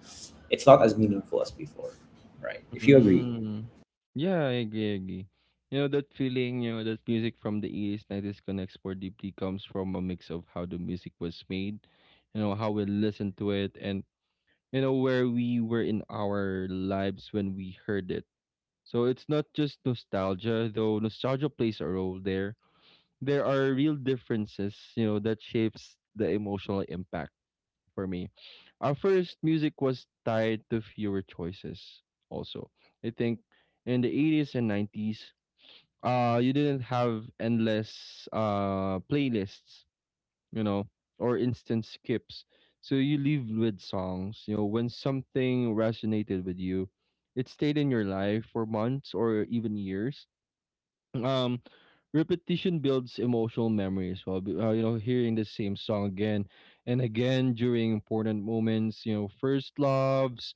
it's not as meaningful as before, right? If you agree.
Mm. Yeah, I agree, I agree. You know, that feeling, you know, that music from the eighties, nineties connects more deeply comes from a mix of how the music was made, you know, how we listened to it, and, you know, where we were in our lives when we heard it. So it's not just nostalgia, though nostalgia plays a role there. There are real differences, you know, that shapes the emotional impact for me. Our first music was tied to fewer choices also. I think in the eighties and nineties, uh you didn't have endless uh playlists, you know, or instant skips. So you lived with songs, you know, when something resonated with you, it stayed in your life for months or even years. um Repetition builds emotional memory as well. B- uh, you know, hearing the same song again and again during important moments, you know, first loves,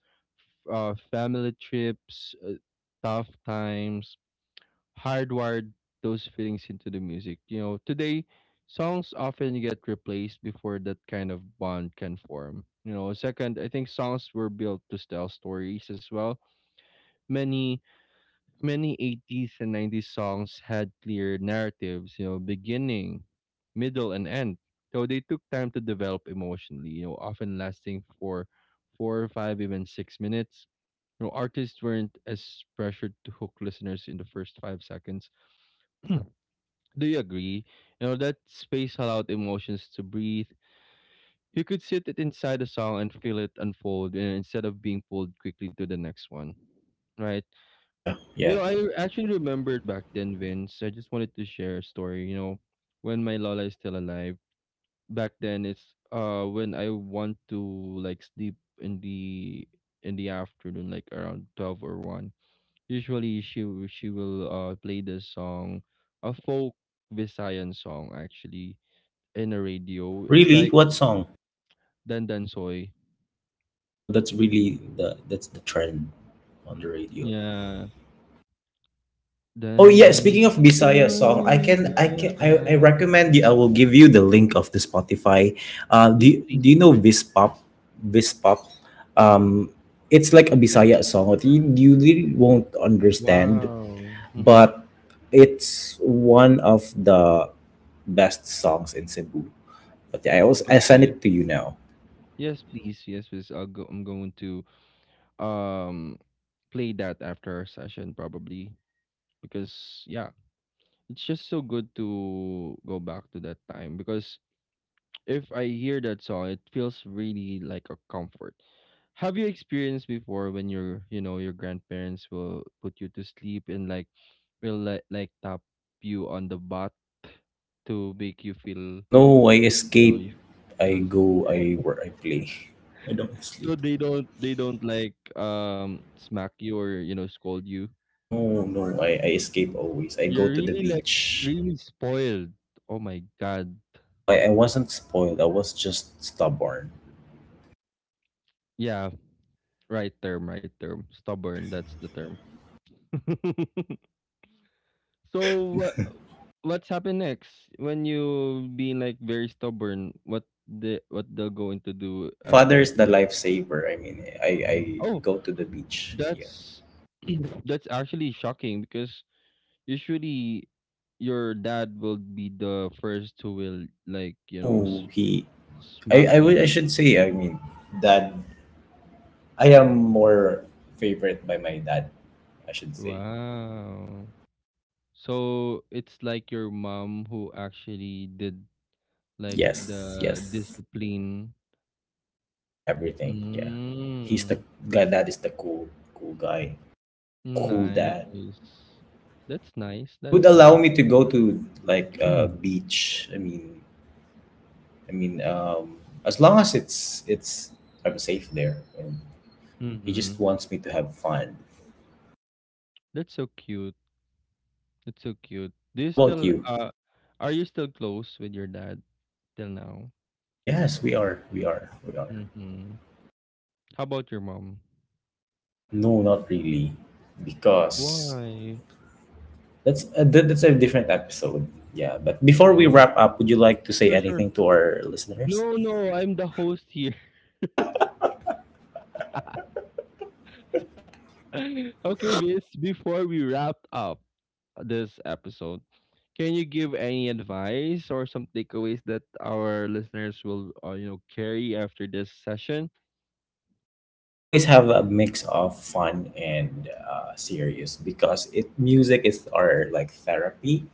f- uh, family trips, uh, tough times, hardwired those feelings into the music. You know, today songs often get replaced before that kind of bond can form. You know, second, I think songs were built to tell stories as well. many Many eighties and nineties songs had clear narratives, you know, beginning, middle, and end. So they took time to develop emotionally, you know, often lasting for four or five, even six minutes. You know, artists weren't as pressured to hook listeners in the first five seconds. Do you agree? You know, that space allowed emotions to breathe. You could sit it inside a song and feel it unfold, you know, instead of being pulled quickly to the next one. Right?
Yeah,
You
yeah.
know, I actually remembered back then, Vince. I just wanted to share a story. You know, when my Lola is still alive, back then it's uh when I want to like sleep in the in the afternoon, like around twelve or one. Usually, she w- she will uh play this song, a folk Visayan song actually, in a radio. It's
Really?
like
What song?
Dandan Soy.
Oh, that's really the that's the trend on the radio.
Yeah,
Oh yeah,
Dandan
speaking of Bisaya song, I
Soy
can I can I, I
Bayaan.
recommend you. I will give you the link of the Spotify. Uh,
Yes,
do you-
please.
do you know Vispop? Vispop. Um, it's like a Bisaya song that You you really won't understand,
Wow. Mhm.
but it's one of the best songs in Cebu. But yeah, I also I send
Okay.
it to you now.
Yes, please. Yes, please. I'll go. I'm going to um play that after our session probably, because yeah, it's just so good to go back to that time, because if I hear that song, it feels really like a comfort. Have you experienced before when your you know your grandparents will put you to sleep, and like will like like tap you on the butt to make you feel,
No, I
you know,
escape.
you
I
feel.
go. I where I play. I don't sleep.
So they don't they don't like um smack you, or you know scold you.
No, no, I, I escape always. I go
You're
to the
really, like,
beach.
really spoiled. Oh my god.
No, I, I wasn't spoiled. I was just stubborn.
Yeah, right term, right term. Stubborn, that's the term. So what what's happened next when you being like very stubborn? What the what they're going to do
My father
after?
is the lifesaver. I mean, I, I
Oh,
go to the beach. Yeah.
that's that's actually shocking, because usually your dad will be the first who will like, you know,
No,
s-
he. I,
Smack
I would. I
you.
should say. I mean, dad. I am more favorite by my dad. I should say.
Wow. So it's like your mom who actually did like
Yes.
the
Yes.
discipline.
Yeah, everything. Yeah. He's the
Mm,
guy that is the cool cool guy. Cool dad.
nice. That's nice.
He would
That's
allow
nice.
me to go to like uh beach. I mean I mean um as long as it's it's I'm safe there and he just
Mm-hmm.
wants me to have fun.
That's so cute. That's so cute. Do you
How about
still
you?
uh are you still close with your dad till now?
Yes, we are. We are. We are.
Mm-hmm. How about your mom?
No, not really. Because
Why?
that's a, that- that's a different episode. Yeah, but before we
Oh,
wrap up, would you like to say
sure, sure.
anything to our listeners?
No, no, I'm the host here. Okay, Vince, before we wrap up this episode, can you give any advice or some takeaways that our listeners will, uh, you know, carry after this session?
Always have a mix of fun and uh, serious because it music is our like therapy.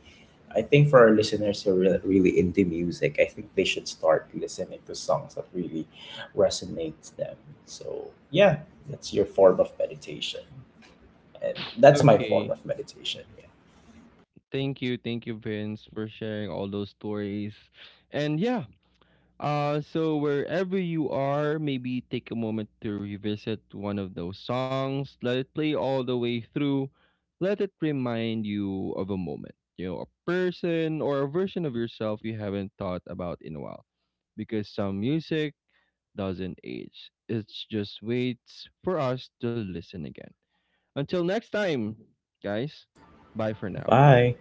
I think for our listeners who are really, really into music, I think they should start listening to songs that really resonates them. So yeah, that's your form of meditation, and that's my
Okay,
form of meditation. Yeah.
thank you, thank you, Vince, for sharing all those stories, and yeah, Uh, so wherever you are, maybe take a moment to revisit one of those songs. Let it play all the way through. Let it remind you of a moment, you know, a person or a version of yourself you haven't thought about in a while. Because some music doesn't age, it just waits for us to listen again. Until next time, guys, bye for now.
Bye.